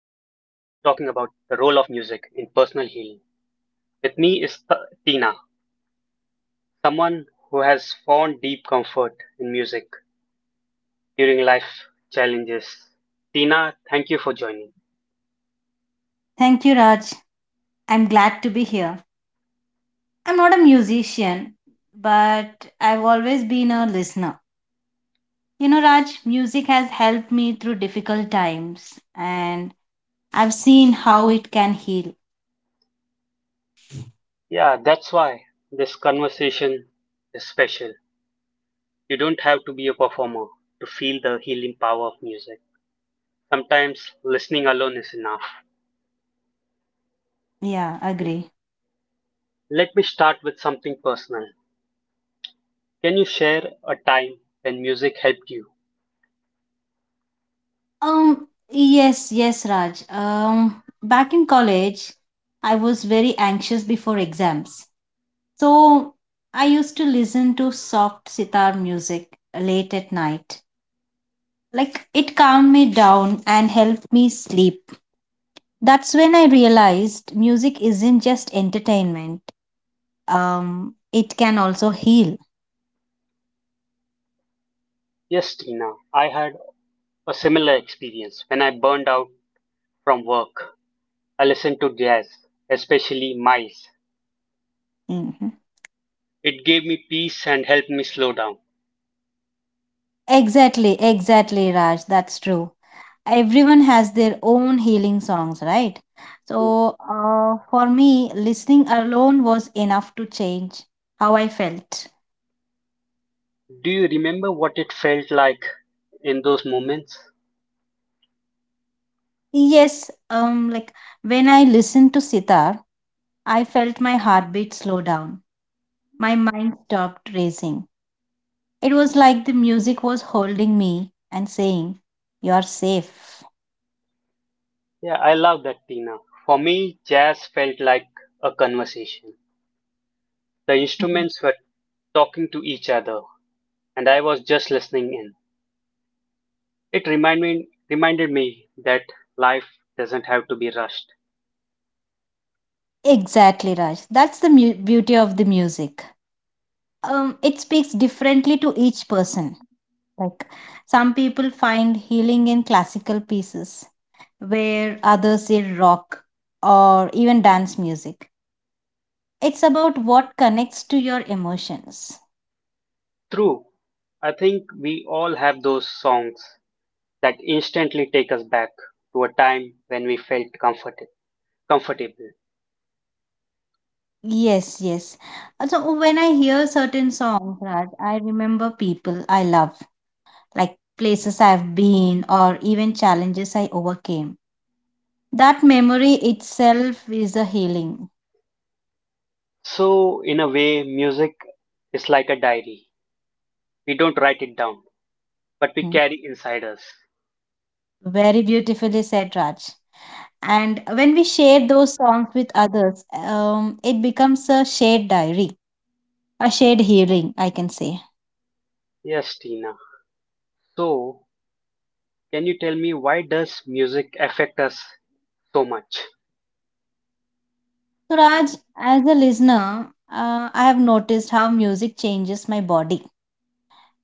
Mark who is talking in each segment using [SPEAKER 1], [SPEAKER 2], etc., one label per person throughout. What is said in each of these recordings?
[SPEAKER 1] talking about the role of music in personal healing. With me is Tina, someone who has found deep comfort in music during life challenges. Tina, thank you for joining.
[SPEAKER 2] Thank you, Raj. I'm glad to be here. I'm not a musician, but I've always been a listener. You know, Raj, music has helped me through difficult times, and I've seen how it can heal.
[SPEAKER 1] Yeah, that's why this conversation is special. You don't have to be a performer to feel the healing power of music. Sometimes listening alone is enough.
[SPEAKER 2] Yeah, agree.
[SPEAKER 1] Let me start with something personal. Can you share a time when music helped you?
[SPEAKER 2] Yes, yes, Raj. Back in college, I was very anxious before exams. So I used to listen to soft sitar music late at night. Like it calmed me down and helped me sleep. That's when I realized music isn't just entertainment. It can also heal.
[SPEAKER 1] Yes, Tina, I had a similar experience when I burned out from work. I listened to jazz, especially Miles.
[SPEAKER 2] Mhm.
[SPEAKER 1] It gave me peace and helped me slow down.
[SPEAKER 2] Exactly, exactly, Raj. That's true. Everyone has their own healing songs, right?
[SPEAKER 1] Yeah.
[SPEAKER 2] So, for me, listening alone was enough to change how I felt.
[SPEAKER 1] Do you remember what it felt like in those moments?
[SPEAKER 2] Yes, like when I listened to sitar, I felt my heartbeat slow down. My mind stopped racing. It was like the music was holding me and saying, "You're safe."
[SPEAKER 1] Yeah, I love that, Tina. For me, jazz felt like a conversation. The
[SPEAKER 2] Mhm.
[SPEAKER 1] instruments were talking to each other, and I was just listening in. It reminded me that life doesn't have to be rushed.
[SPEAKER 2] Exactly, Raj. That's the beauty of the music. It speaks differently to each person. Like some people find healing in classical pieces, where others in rock or even dance music. It's about what connects to your emotions.
[SPEAKER 1] True. I think we all have those songs that instantly take us back to a time when we felt comfortable.
[SPEAKER 2] Yes, yes. So when I hear certain songs, Raj, I remember people I love, like places I've been or even challenges I overcame. That memory itself is a healing.
[SPEAKER 1] So, in a way, music is like a diary. We don't write it down, but we
[SPEAKER 2] Hmm.
[SPEAKER 1] carry inside us.
[SPEAKER 2] Very beautifully said, Raj. And when we share those songs with others, it becomes a shared diary, a shared healing, I can say.
[SPEAKER 1] Yes, Tina. So, can you tell me why does music affect us so much?
[SPEAKER 2] So, Raj, as a listener, I have noticed how music changes my body.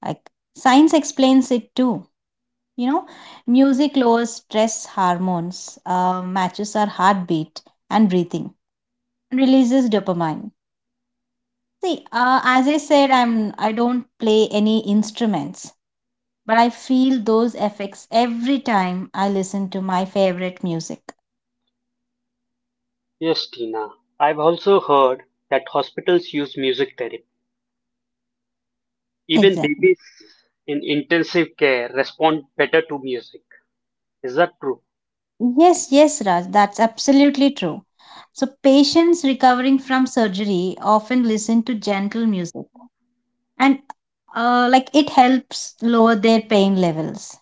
[SPEAKER 2] Like science explains it too. You know, music lowers stress hormones, matches our heartbeat and breathing, and releases dopamine. See, as I said, I don't play any instruments, but I feel those effects every time I listen to my favorite music.
[SPEAKER 1] Yes, Tina. I've also heard that hospitals use music therapy. Even
[SPEAKER 2] Exactly.
[SPEAKER 1] babies in intensive care respond better to music. Is that true?
[SPEAKER 2] Yes, yes, Raj, that's absolutely true. So, patients recovering from surgery often listen to gentle music, and like it helps lower their pain levels.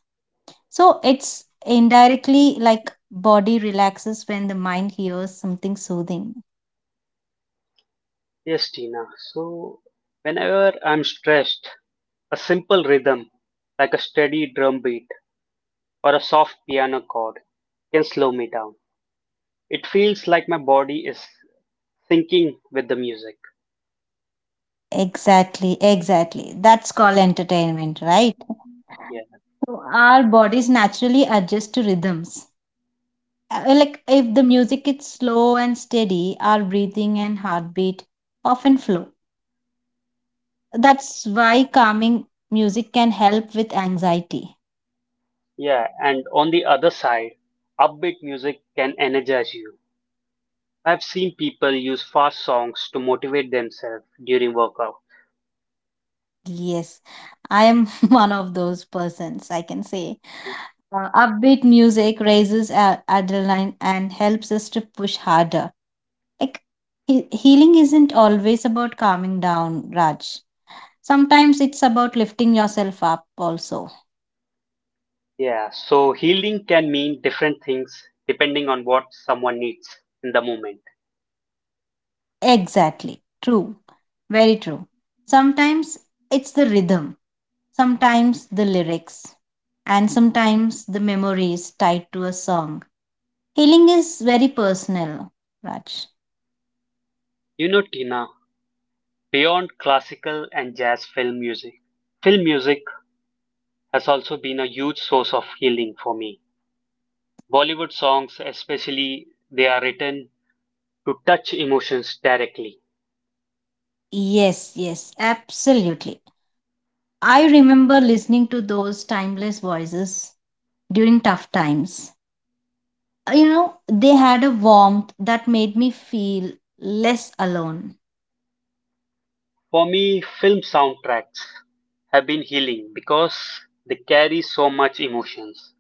[SPEAKER 2] So, it's indirectly like body relaxes when the mind hears something soothing.
[SPEAKER 1] Yes, Tina. So, whenever I'm stressed, a simple rhythm, like a steady drum beat or a soft piano chord, can slow me down. It feels like my body is syncing with the music.
[SPEAKER 2] Exactly, exactly. That's called entertainment, right?
[SPEAKER 1] Yeah.
[SPEAKER 2] So, our bodies naturally adjust to rhythms. Like if the music is slow and steady, our breathing and heartbeat often flow. That's why calming music can help with anxiety.
[SPEAKER 1] Yeah. And on the other side, upbeat music can energize you. I've seen people use fast songs to motivate themselves during workout.
[SPEAKER 2] Yes, I am one of those persons, I can say. Upbeat music raises adrenaline and helps us to push harder. Like healing isn't always about calming down, Raj. Sometimes it's about lifting yourself up also.
[SPEAKER 1] Yeah. So, healing can mean different things depending on what someone needs in the moment.
[SPEAKER 2] Exactly. True. Very true. Sometimes it's the rhythm, sometimes the lyrics, and sometimes the memories tied to a song. Healing is very personal, Raj.
[SPEAKER 1] You know, Tina, beyond classical and jazz film music has also been a huge source of healing for me. Bollywood songs, especially, they are written to touch emotions directly.
[SPEAKER 2] Yes, yes, absolutely. I remember listening to those timeless voices during tough times. You know, they had a warmth that made me feel less alone.
[SPEAKER 1] For me, film soundtracks have been healing because they carry so much emotions.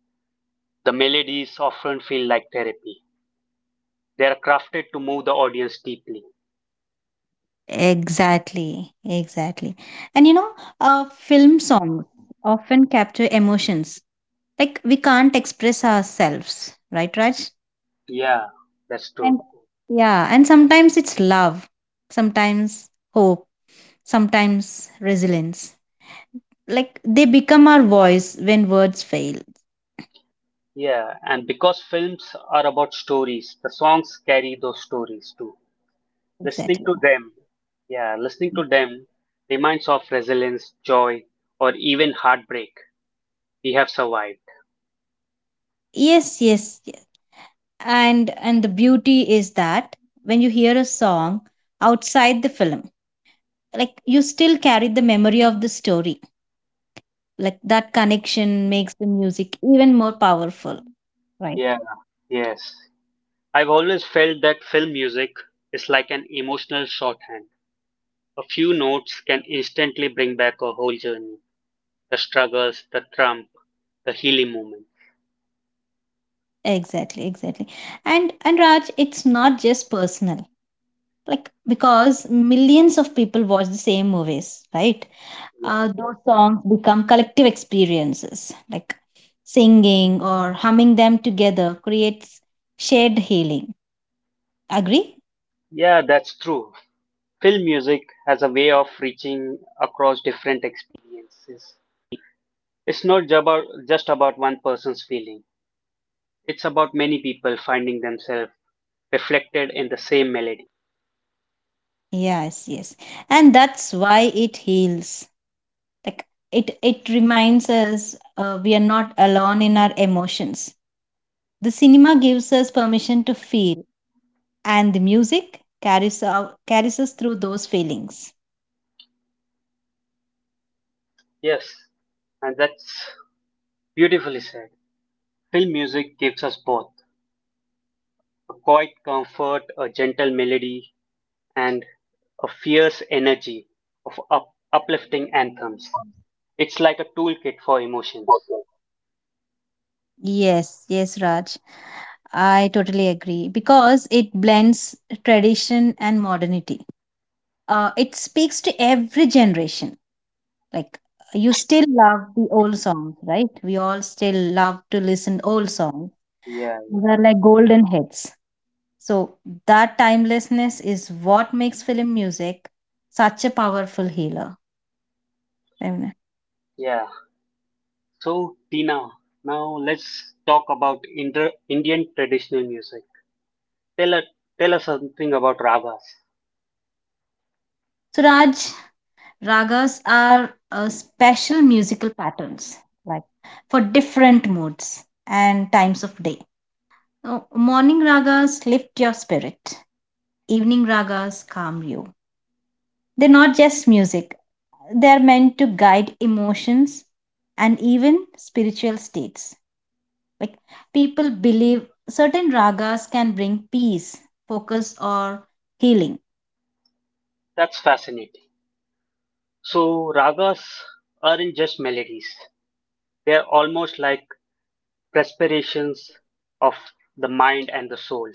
[SPEAKER 1] The melodies often feel like therapy. They are crafted to move the audience deeply.
[SPEAKER 2] Exactly, exactly. And you know, film songs often capture emotions. Like we can't express ourselves, right, Raj?
[SPEAKER 1] Yeah, that's true.
[SPEAKER 2] And yeah, and sometimes it's love, sometimes hope, sometimes resilience. Like they become our voice when words fail.
[SPEAKER 1] Yeah, and because films are about stories, the songs carry those stories too. Listening
[SPEAKER 2] Exactly.
[SPEAKER 1] to them, yeah, listening to them reminds of resilience, joy, or even heartbreak we have survived.
[SPEAKER 2] Yes, yes, yes. And the beauty is that when you hear a song outside the film, like you still carry the memory of the story. Like that connection makes the music even more powerful, right?
[SPEAKER 1] Yeah, yes. I've always felt that film music is like an emotional shorthand. A few notes can instantly bring back a whole journey, the struggles, the trump, the healing moment.
[SPEAKER 2] Exactly, exactly. And Raj, it's not just personal, like because millions of people watch the same movies, right?
[SPEAKER 1] Yeah.
[SPEAKER 2] Those songs become collective experiences. Like singing or humming them together creates shared healing. Agree?
[SPEAKER 1] Yeah, that's true. Film music has a way of reaching across different experiences. It's not just about one person's feeling. It's about many people finding themselves reflected in the same melody.
[SPEAKER 2] Yes, yes. And that's why it heals. Like it reminds us, we are not alone in our emotions. The cinema gives us permission to feel, and the music carries us through those feelings.
[SPEAKER 1] Yes, and that's beautifully said. Film music gives us both a quiet comfort, a gentle melody, and a fierce energy of uplifting anthems. It's like a toolkit for emotions.
[SPEAKER 2] Yes, yes, Raj. I totally agree because it blends tradition and modernity. It speaks to every generation. Like you still love the old songs, right? We all still love to listen old songs.
[SPEAKER 1] Yeah,
[SPEAKER 2] These are like golden hits. So that timelessness is what makes film music such a powerful healer.
[SPEAKER 1] yeah. So, Tina, now let's talk about Indian traditional music. Tell us, tell us something about ragas.
[SPEAKER 2] So, Raj, ragas are special musical patterns, like for different moods and times of day. Morning ragas lift your spirit, evening ragas calm you. They're not just music, they're meant to guide emotions and even spiritual states. Like people believe certain ragas can bring peace, focus, or healing.
[SPEAKER 1] That's fascinating. So ragas aren't just melodies. They're almost like respirations of the mind and the soul.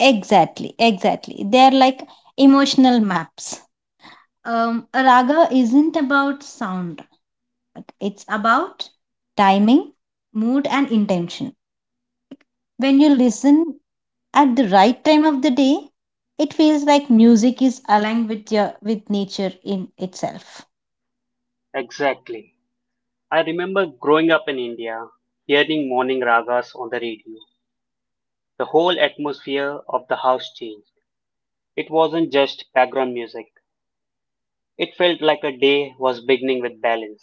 [SPEAKER 2] Exactly, exactly. They're like emotional maps. A raga isn't about sound. Like, it's about timing, mood and intention. When you listen at the right time of the day, it feels like music is aligned with your with nature in itself.
[SPEAKER 1] Exactly. I remember growing up in India, hearing morning ragas on the radio. The whole atmosphere of the house changed. It wasn't just background music. It felt like a day was beginning with balance.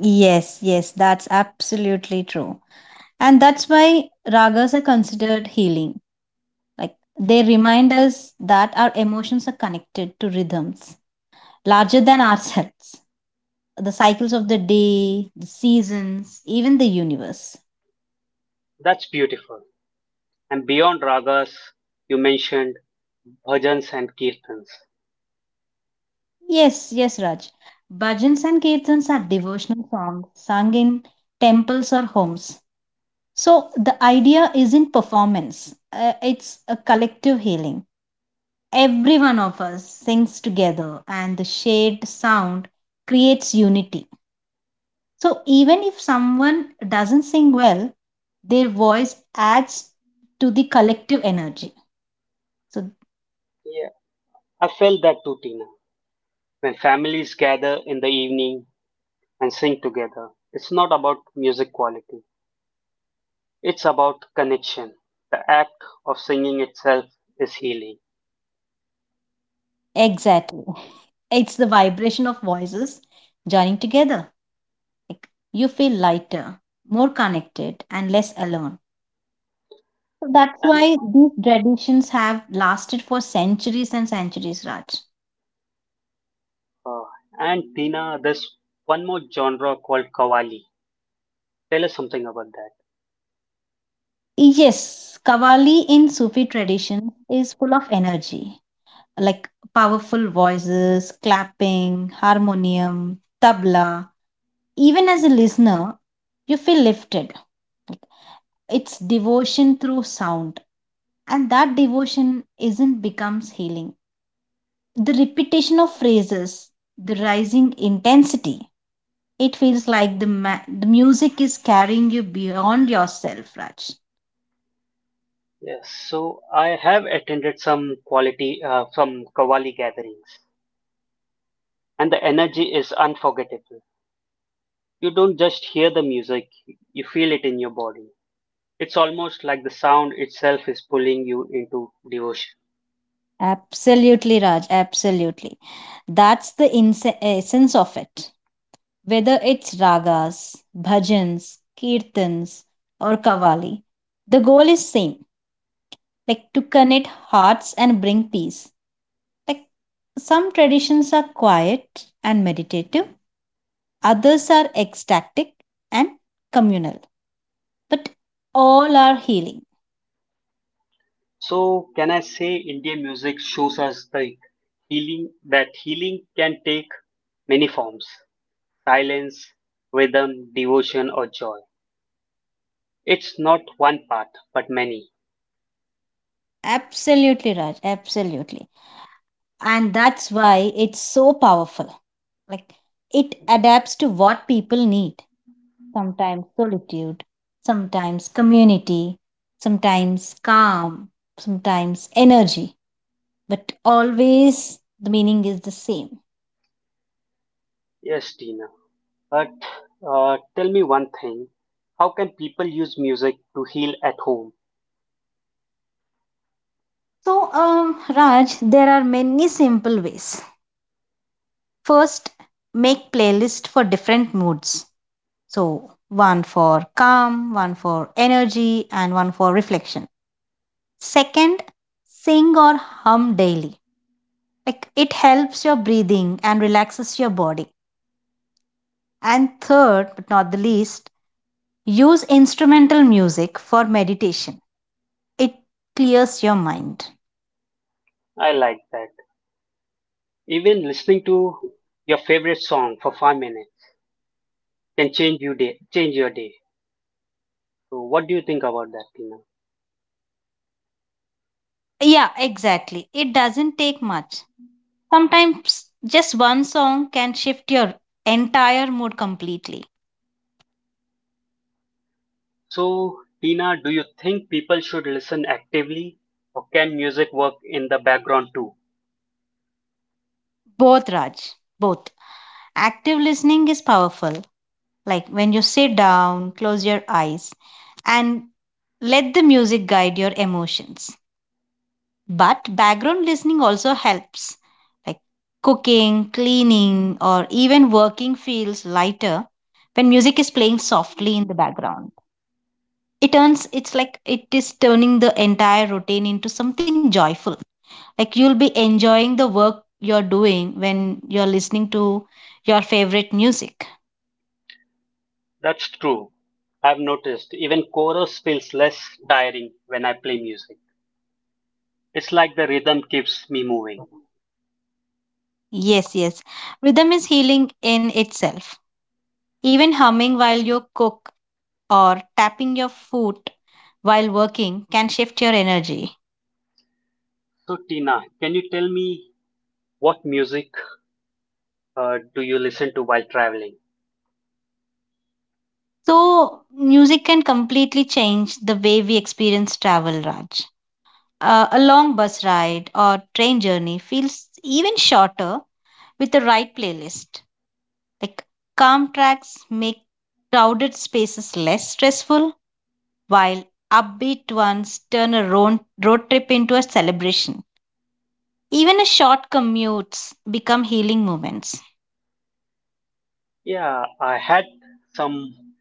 [SPEAKER 2] Yes, yes, that's absolutely true. And that's why ragas are considered healing. Like they remind us that our emotions are connected to rhythms larger than ourselves, the cycles of the day, the seasons, even the universe.
[SPEAKER 1] That's beautiful. And beyond ragas, you mentioned bhajans and kirtans.
[SPEAKER 2] Yes, yes, Raj. Bhajans and kirtans are devotional songs sung in temples or homes. So the idea isn't performance, it's a collective healing. Every one of us sings together, and the shared sound creates unity. So even if someone doesn't sing well, their voice adds to the collective energy. So.
[SPEAKER 1] Yeah, I felt that too, Tina. When families gather in the evening and sing together, it's not about music quality, it's about connection. The act of singing itself is healing.
[SPEAKER 2] Exactly. It's the vibration of voices joining together. Like you feel lighter, more connected, and less alone. So that's
[SPEAKER 1] And,
[SPEAKER 2] why these traditions have lasted for centuries and centuries, Raj.
[SPEAKER 1] uh, and Tina, there's one more genre called Qawwali. Tell us something about that.
[SPEAKER 2] Yes, Kavali in Sufi tradition is full of energy, like powerful voices, clapping, harmonium, tabla. Even as a listener, you feel lifted. It's devotion through sound, and that devotion isn't becomes healing. The repetition of phrases, the rising intensity, it feels like the music is carrying you beyond yourself, Raj.
[SPEAKER 1] Yes, so I have attended some Qawwali gatherings, and the energy is unforgettable. You don't just hear the music, you feel it in your body. It's almost like the sound itself is pulling you into devotion.
[SPEAKER 2] Absolutely, Raj. Absolutely. That's the essence of it. Whether it's ragas, bhajans, kirtans, or kavali, the goal is same, like to connect hearts and bring peace. Like some traditions are quiet and meditative, others are ecstatic and communal, but all are healing.
[SPEAKER 1] So, can I say Indian music shows us the healing can take many forms: silence, rhythm, devotion, or joy. It's not one path, but many.
[SPEAKER 2] Absolutely, Raj, absolutely. And that's why it's so powerful. Like it adapts to what people need. Sometimes solitude, sometimes community, sometimes calm, sometimes energy, but always the meaning is the same.
[SPEAKER 1] Yes, Tina, but tell me one thing: how can people use music to heal at home?
[SPEAKER 2] So, Raj, there are many simple ways. First, make playlist for different moods. So one for calm, one for energy, and one for reflection. Second, sing or hum daily. Like it helps your breathing and relaxes your body. And third but not the least, use instrumental music for meditation. It clears your mind.
[SPEAKER 1] I like that. Even listening to your favorite song for 5 minutes can change your day. So, what do you think about that, Tina?
[SPEAKER 2] Yeah, exactly, it doesn't take much. Sometimes just one song can shift your entire mood completely.
[SPEAKER 1] So, Tina, do you think people should listen actively, or can music work in the background too?
[SPEAKER 2] Both, Raj. Both. Active listening is powerful. Like when you sit down, close your eyes, and let the music guide your emotions. But background listening also helps. Like cooking, cleaning, or even working feels lighter when music is playing softly in the background. It's like it is turning the entire routine into something joyful. Like you'll be enjoying the work you're doing when you're listening to your favorite music.
[SPEAKER 1] That's true. I've noticed even chorus feels less tiring when I play music. It's like the rhythm keeps me moving.
[SPEAKER 2] Yes, yes. Rhythm is healing in itself. Even humming while you cook or tapping your foot while working can shift your energy.
[SPEAKER 1] So, Tina, can you tell me what music do you listen to while traveling?
[SPEAKER 2] So, music can completely change the way we experience travel, Raj. A long bus ride or train journey feels even shorter with the right playlist. Like calm tracks make crowded spaces less stressful, while upbeat ones turn a road trip into a celebration. Even a short commutes become healing moments.
[SPEAKER 1] Yeah, I had some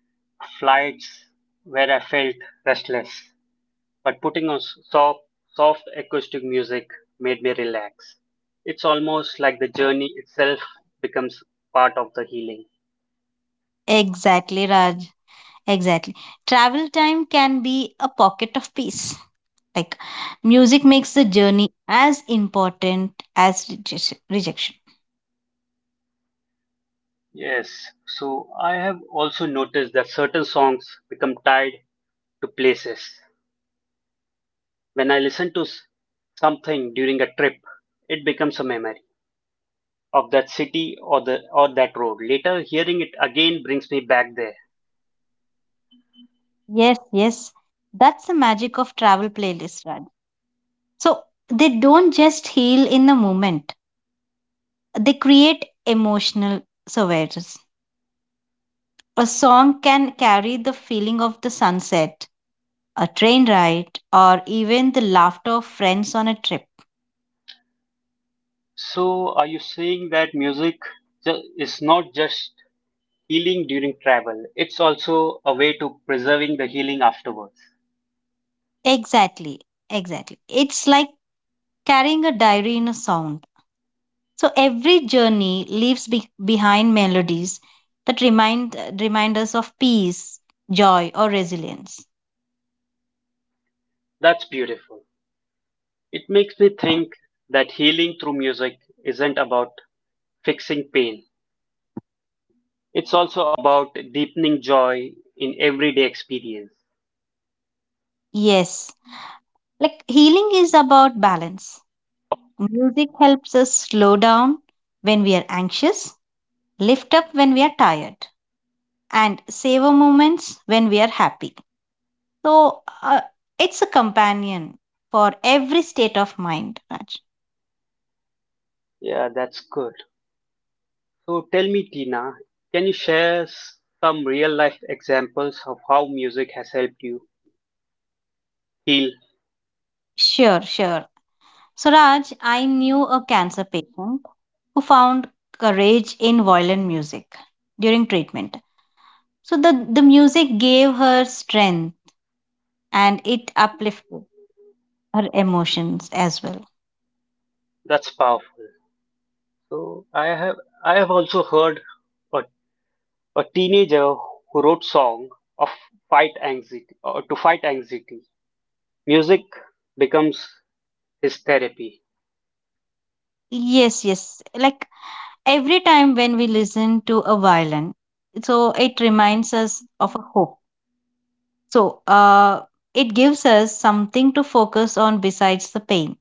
[SPEAKER 1] flights where I felt restless, but putting on soft, soft acoustic music made me relax. It's almost like the journey itself becomes part of the healing.
[SPEAKER 2] Exactly, Raj. Exactly. Travel time can be a pocket of peace. Like music makes the journey as important as rejection.
[SPEAKER 1] Yes, so I have also noticed that certain songs become tied to places. When I listen to something during a trip, it becomes a memory of that city or the or that road. Later, hearing it again brings me back there.
[SPEAKER 2] Yes, yes. That's the magic of travel playlists, Raj. So they don't just heal in the moment, they create emotional surveys. A song can carry the feeling of the sunset, a train ride, or even the laughter of friends on a trip.
[SPEAKER 1] So, are you saying that music is not just healing during travel. It's also a way to preserving the healing afterwards.
[SPEAKER 2] Exactly, exactly. It's like carrying a diary in a sound. So every journey leaves behind melodies that remind us of peace, joy, or resilience.
[SPEAKER 1] That's beautiful. It makes me think that healing through music isn't about fixing pain. It's also about deepening joy in everyday experience.
[SPEAKER 2] Yes, like healing is about balance. Music helps us slow down when we are anxious, lift up when we are tired, and savor moments when we are happy. So, it's a companion for every state of mind, Raj.
[SPEAKER 1] Yeah, that's good. So tell me, Tina, can you share some real life examples of how music has helped you heal?
[SPEAKER 2] Sure, sure. So, Raj, I knew a cancer patient who found courage in violin music during treatment. So, the music gave her strength and it uplifted her emotions as well.
[SPEAKER 1] That's powerful. So I have also heard a A teenager who wrote song of fight anxiety or to fight anxiety. Music becomes his therapy.
[SPEAKER 2] Yes, yes. Like every time when we listen to a violin, so it reminds us of a hope. So, it gives us something to focus on besides the pain.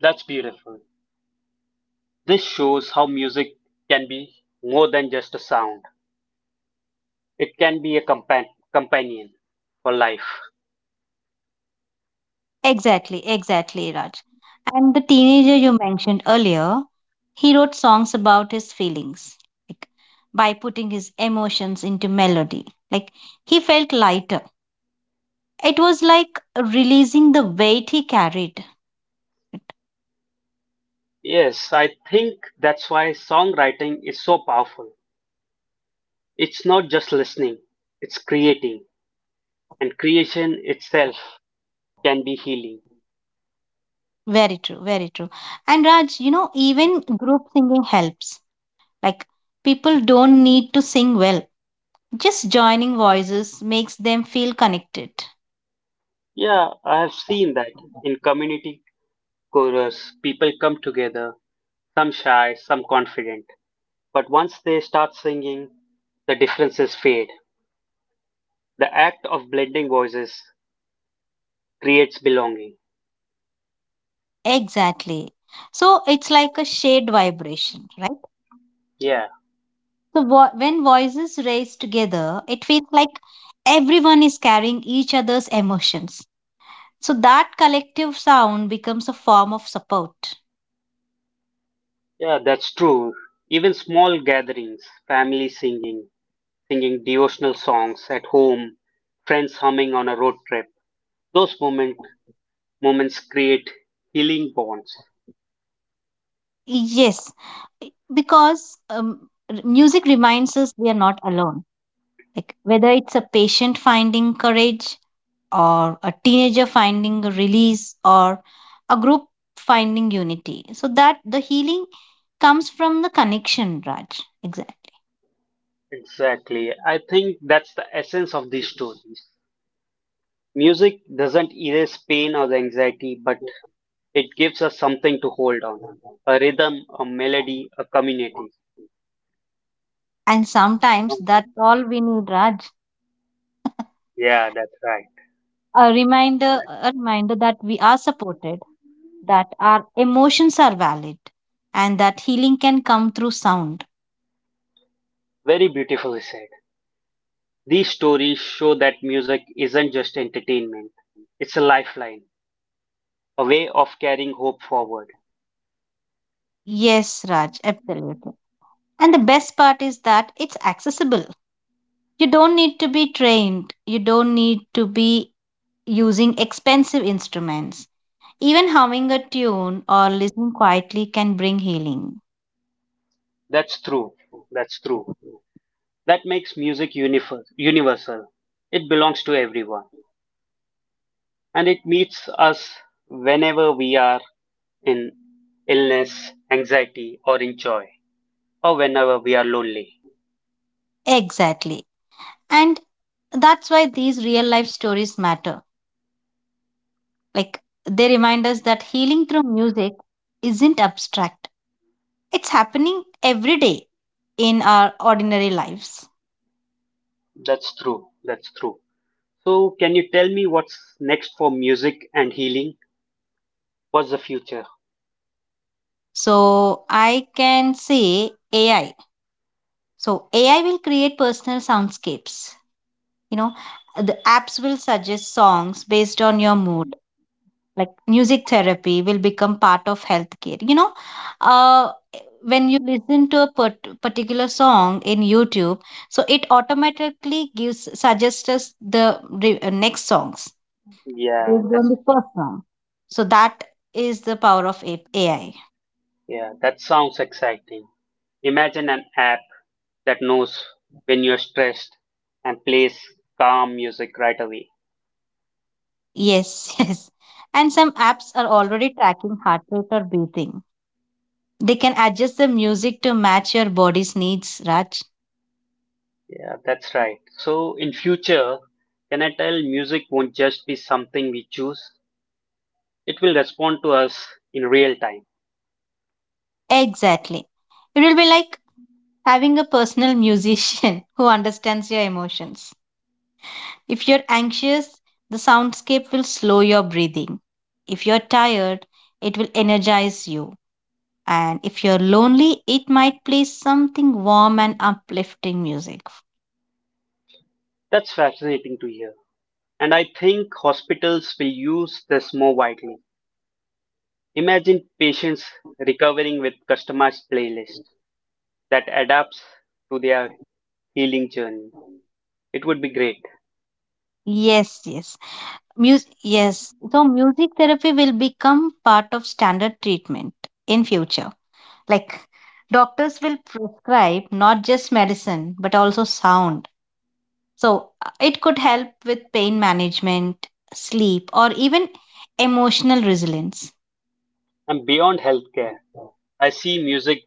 [SPEAKER 1] That's beautiful. This shows how music can be more than just a sound. It can be a companion for life.
[SPEAKER 2] Exactly, exactly, Raj. And the teenager you mentioned earlier, he wrote songs about his feelings, like by putting his emotions into melody. Like he felt lighter. It was like releasing the weight he carried.
[SPEAKER 1] Yes, I think that's why songwriting is so powerful. It's not just listening, it's creating, and creation itself can be healing.
[SPEAKER 2] Very true, very true. And Raj, you know, even group singing helps. Like people don't need to sing well. Just joining voices makes them feel connected.
[SPEAKER 1] Yeah, I have seen that in community chorus, people come together, some shy, some confident. But once they start singing, the differences fade. The act of blending voices creates belonging.
[SPEAKER 2] Exactly. So it's like a shared vibration, right?
[SPEAKER 1] Yeah,
[SPEAKER 2] So when voices raise together, it feels like everyone is carrying each other's emotions. So that collective sound becomes a form of support.
[SPEAKER 1] yeah, that's true. Even small gatherings, family singing, singing devotional songs at home, friends humming on a road trip, those moment, moments create healing bonds.
[SPEAKER 2] Yes, because music reminds us we are not alone. Like whether it's a patient finding courage, or a teenager finding a release, or a group finding unity, so that the healing comes from the connection, Raj. Exactly.
[SPEAKER 1] Exactly. I think that's the essence of these stories. Music doesn't erase pain or the anxiety, but it gives us something to hold on, a rhythm, a melody, a community.
[SPEAKER 2] And sometimes that's
[SPEAKER 1] Mhm.
[SPEAKER 2] all we need, Raj.
[SPEAKER 1] Yeah, that's right.
[SPEAKER 2] A reminder, a reminder that we are supported, that our emotions are valid, and that healing can come through sound.
[SPEAKER 1] Very beautifully said. These stories show that music isn't just entertainment, it's a lifeline, a way of carrying hope forward.
[SPEAKER 2] Yes, Raj, absolutely. And the best part is that it's accessible. You don't need to be trained, you don't need to be using expensive instruments. Even humming a tune or listening quietly can bring healing.
[SPEAKER 1] That's true. That's true. That makes music universal. It belongs to everyone and it meets us whenever we are in illness, anxiety, or in joy, or whenever we are lonely.
[SPEAKER 2] Exactly. And that's why these real life stories matter. Like, they remind us that healing through music isn't abstract, it's happening every day in our ordinary lives.
[SPEAKER 1] That's true. That's true. So, can you tell me what's next for music and healing? What's the future?
[SPEAKER 2] So I can say AI. So AI will create personal soundscapes. You know, the apps will suggest songs based on your mood. Like, music therapy will become part of healthcare. Uh, when you listen to a particular song in YouTube, so it automatically gives suggests us the next songs
[SPEAKER 1] Yeah,
[SPEAKER 2] based on
[SPEAKER 1] that's
[SPEAKER 2] the first song. So that is the power of AI.
[SPEAKER 1] yeah, that sounds exciting. Imagine an app that knows when you're stressed and plays calm music right away.
[SPEAKER 2] Yes, yes. And some apps are already tracking heart rate or breathing. They can adjust the music to match your body's needs, Raj.
[SPEAKER 1] Yeah, that's right. So, in future, can I tell music won't just be something we choose? It will respond to us in real time.
[SPEAKER 2] Exactly. It will be like having a personal musician who understands your emotions. If you're anxious, the soundscape will slow your breathing. If you're tired, it will energize you. And if you're lonely, it might play something warm and uplifting music.
[SPEAKER 1] That's fascinating to hear. And I think hospitals will use this more widely. Imagine patients recovering with customized playlist that adapts to their healing journey. It would be great.
[SPEAKER 2] Yes, yes. Music, yes. So music therapy will become part of standard treatment in future. Like, doctors will prescribe not just medicine, but also sound. So it could help with pain management, sleep, or even emotional resilience.
[SPEAKER 1] And beyond healthcare, I see music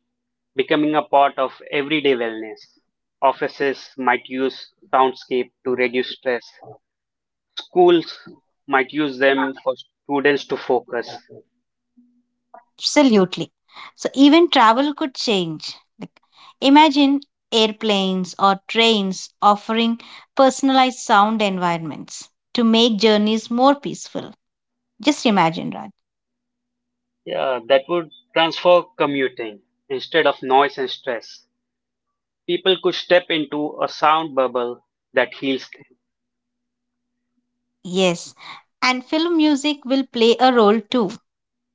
[SPEAKER 1] becoming a part of everyday wellness. Offices might use soundscape to reduce stress. Schools might use them for students to focus.
[SPEAKER 2] Absolutely. So even travel could change. Like, imagine airplanes or trains offering personalized sound environments to make journeys more peaceful. Just imagine, Raj.
[SPEAKER 1] Yeah, that would transform commuting instead of noise and stress. People could step into a sound bubble that heals them.
[SPEAKER 2] Yes. And film music will play a role too.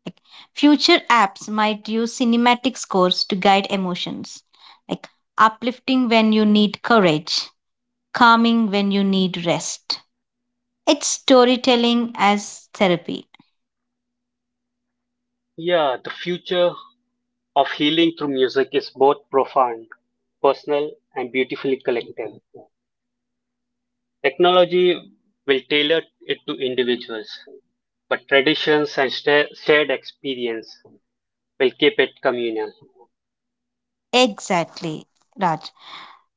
[SPEAKER 2] Like, future apps might use cinematic scores to guide emotions, like uplifting when you need courage, calming when you need rest. It's storytelling as therapy.
[SPEAKER 1] Yeah, the future of healing through music is both profound, personal, and beautifully collective. Technology will tailor it to individuals, but traditions and shared experience will keep it communal.
[SPEAKER 2] Exactly, Raj.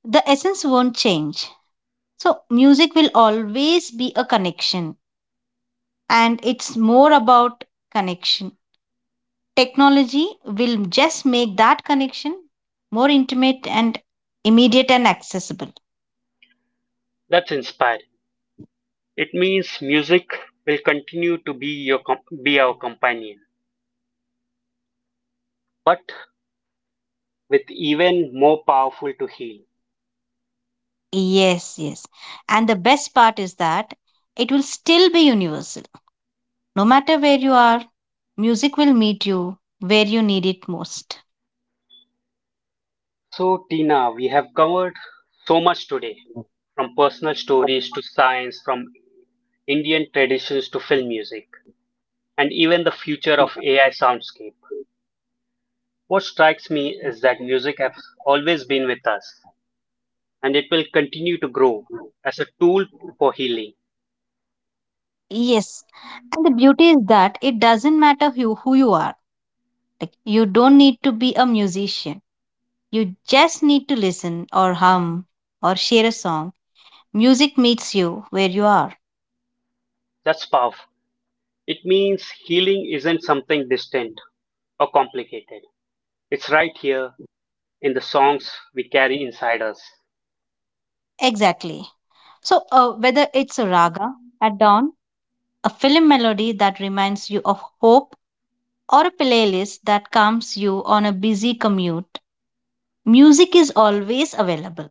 [SPEAKER 2] The essence won't change. So, music will always be a connection, and it's more about connection. Technology will just make that connection more intimate and immediate and accessible.
[SPEAKER 1] That's inspiring. It means music will continue to be our companion, but with even more powerful to heal.
[SPEAKER 2] Yes, yes. And the best part is that it will still be universal. No matter where you are, music will meet you where you need it most.
[SPEAKER 1] So, Tina, we have covered so much today, from personal stories to science, from Indian traditions to film music, and even the future of AI soundscape. What strikes me is that music has always been with us and it will continue to grow as a tool for healing.
[SPEAKER 2] Yes. And the beauty is that it doesn't matter who you are. Like, you don't need to be a musician. You just need to listen or hum or share a song. Music meets you where you are.
[SPEAKER 1] That's powerful. It means healing isn't something distant or complicated. It's right here in the songs we carry inside us.
[SPEAKER 2] Exactly. So whether it's a raga at dawn, a film melody that reminds you of hope, or a playlist that calms you on a busy commute, music is always available.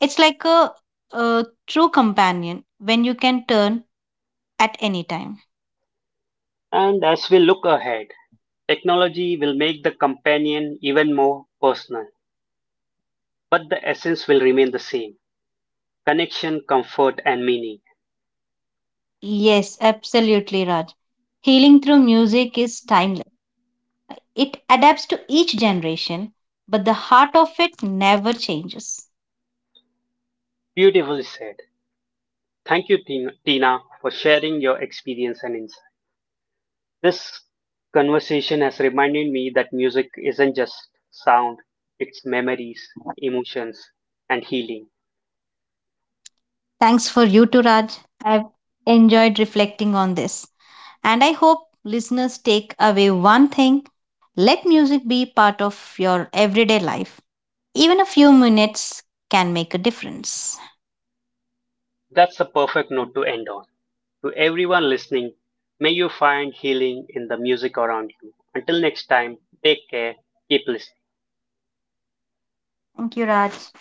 [SPEAKER 2] It's like a true companion when you can turn at any time.
[SPEAKER 1] And as we look ahead, technology will make the companion even more personal, but the essence will remain the same: connection, comfort, and meaning.
[SPEAKER 2] Yes, absolutely, Raj. Healing through music is timeless. It adapts to each generation, but the heart of it never changes.
[SPEAKER 1] Beautifully said. Tina, for sharing your experience and insight. This conversation has reminded me that music isn't just sound, it's memories, emotions, and healing.
[SPEAKER 2] Thanks for you too, Raj. I've enjoyed reflecting on this. And I hope listeners take away one thing. Let music be part of your everyday life. Even a few minutes can make a difference.
[SPEAKER 1] That's a perfect note to end on. To everyone listening, may you find healing in the music around you. Until next time, take care, keep listening.
[SPEAKER 2] Thank you, Raj.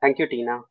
[SPEAKER 1] Thank you, Tina.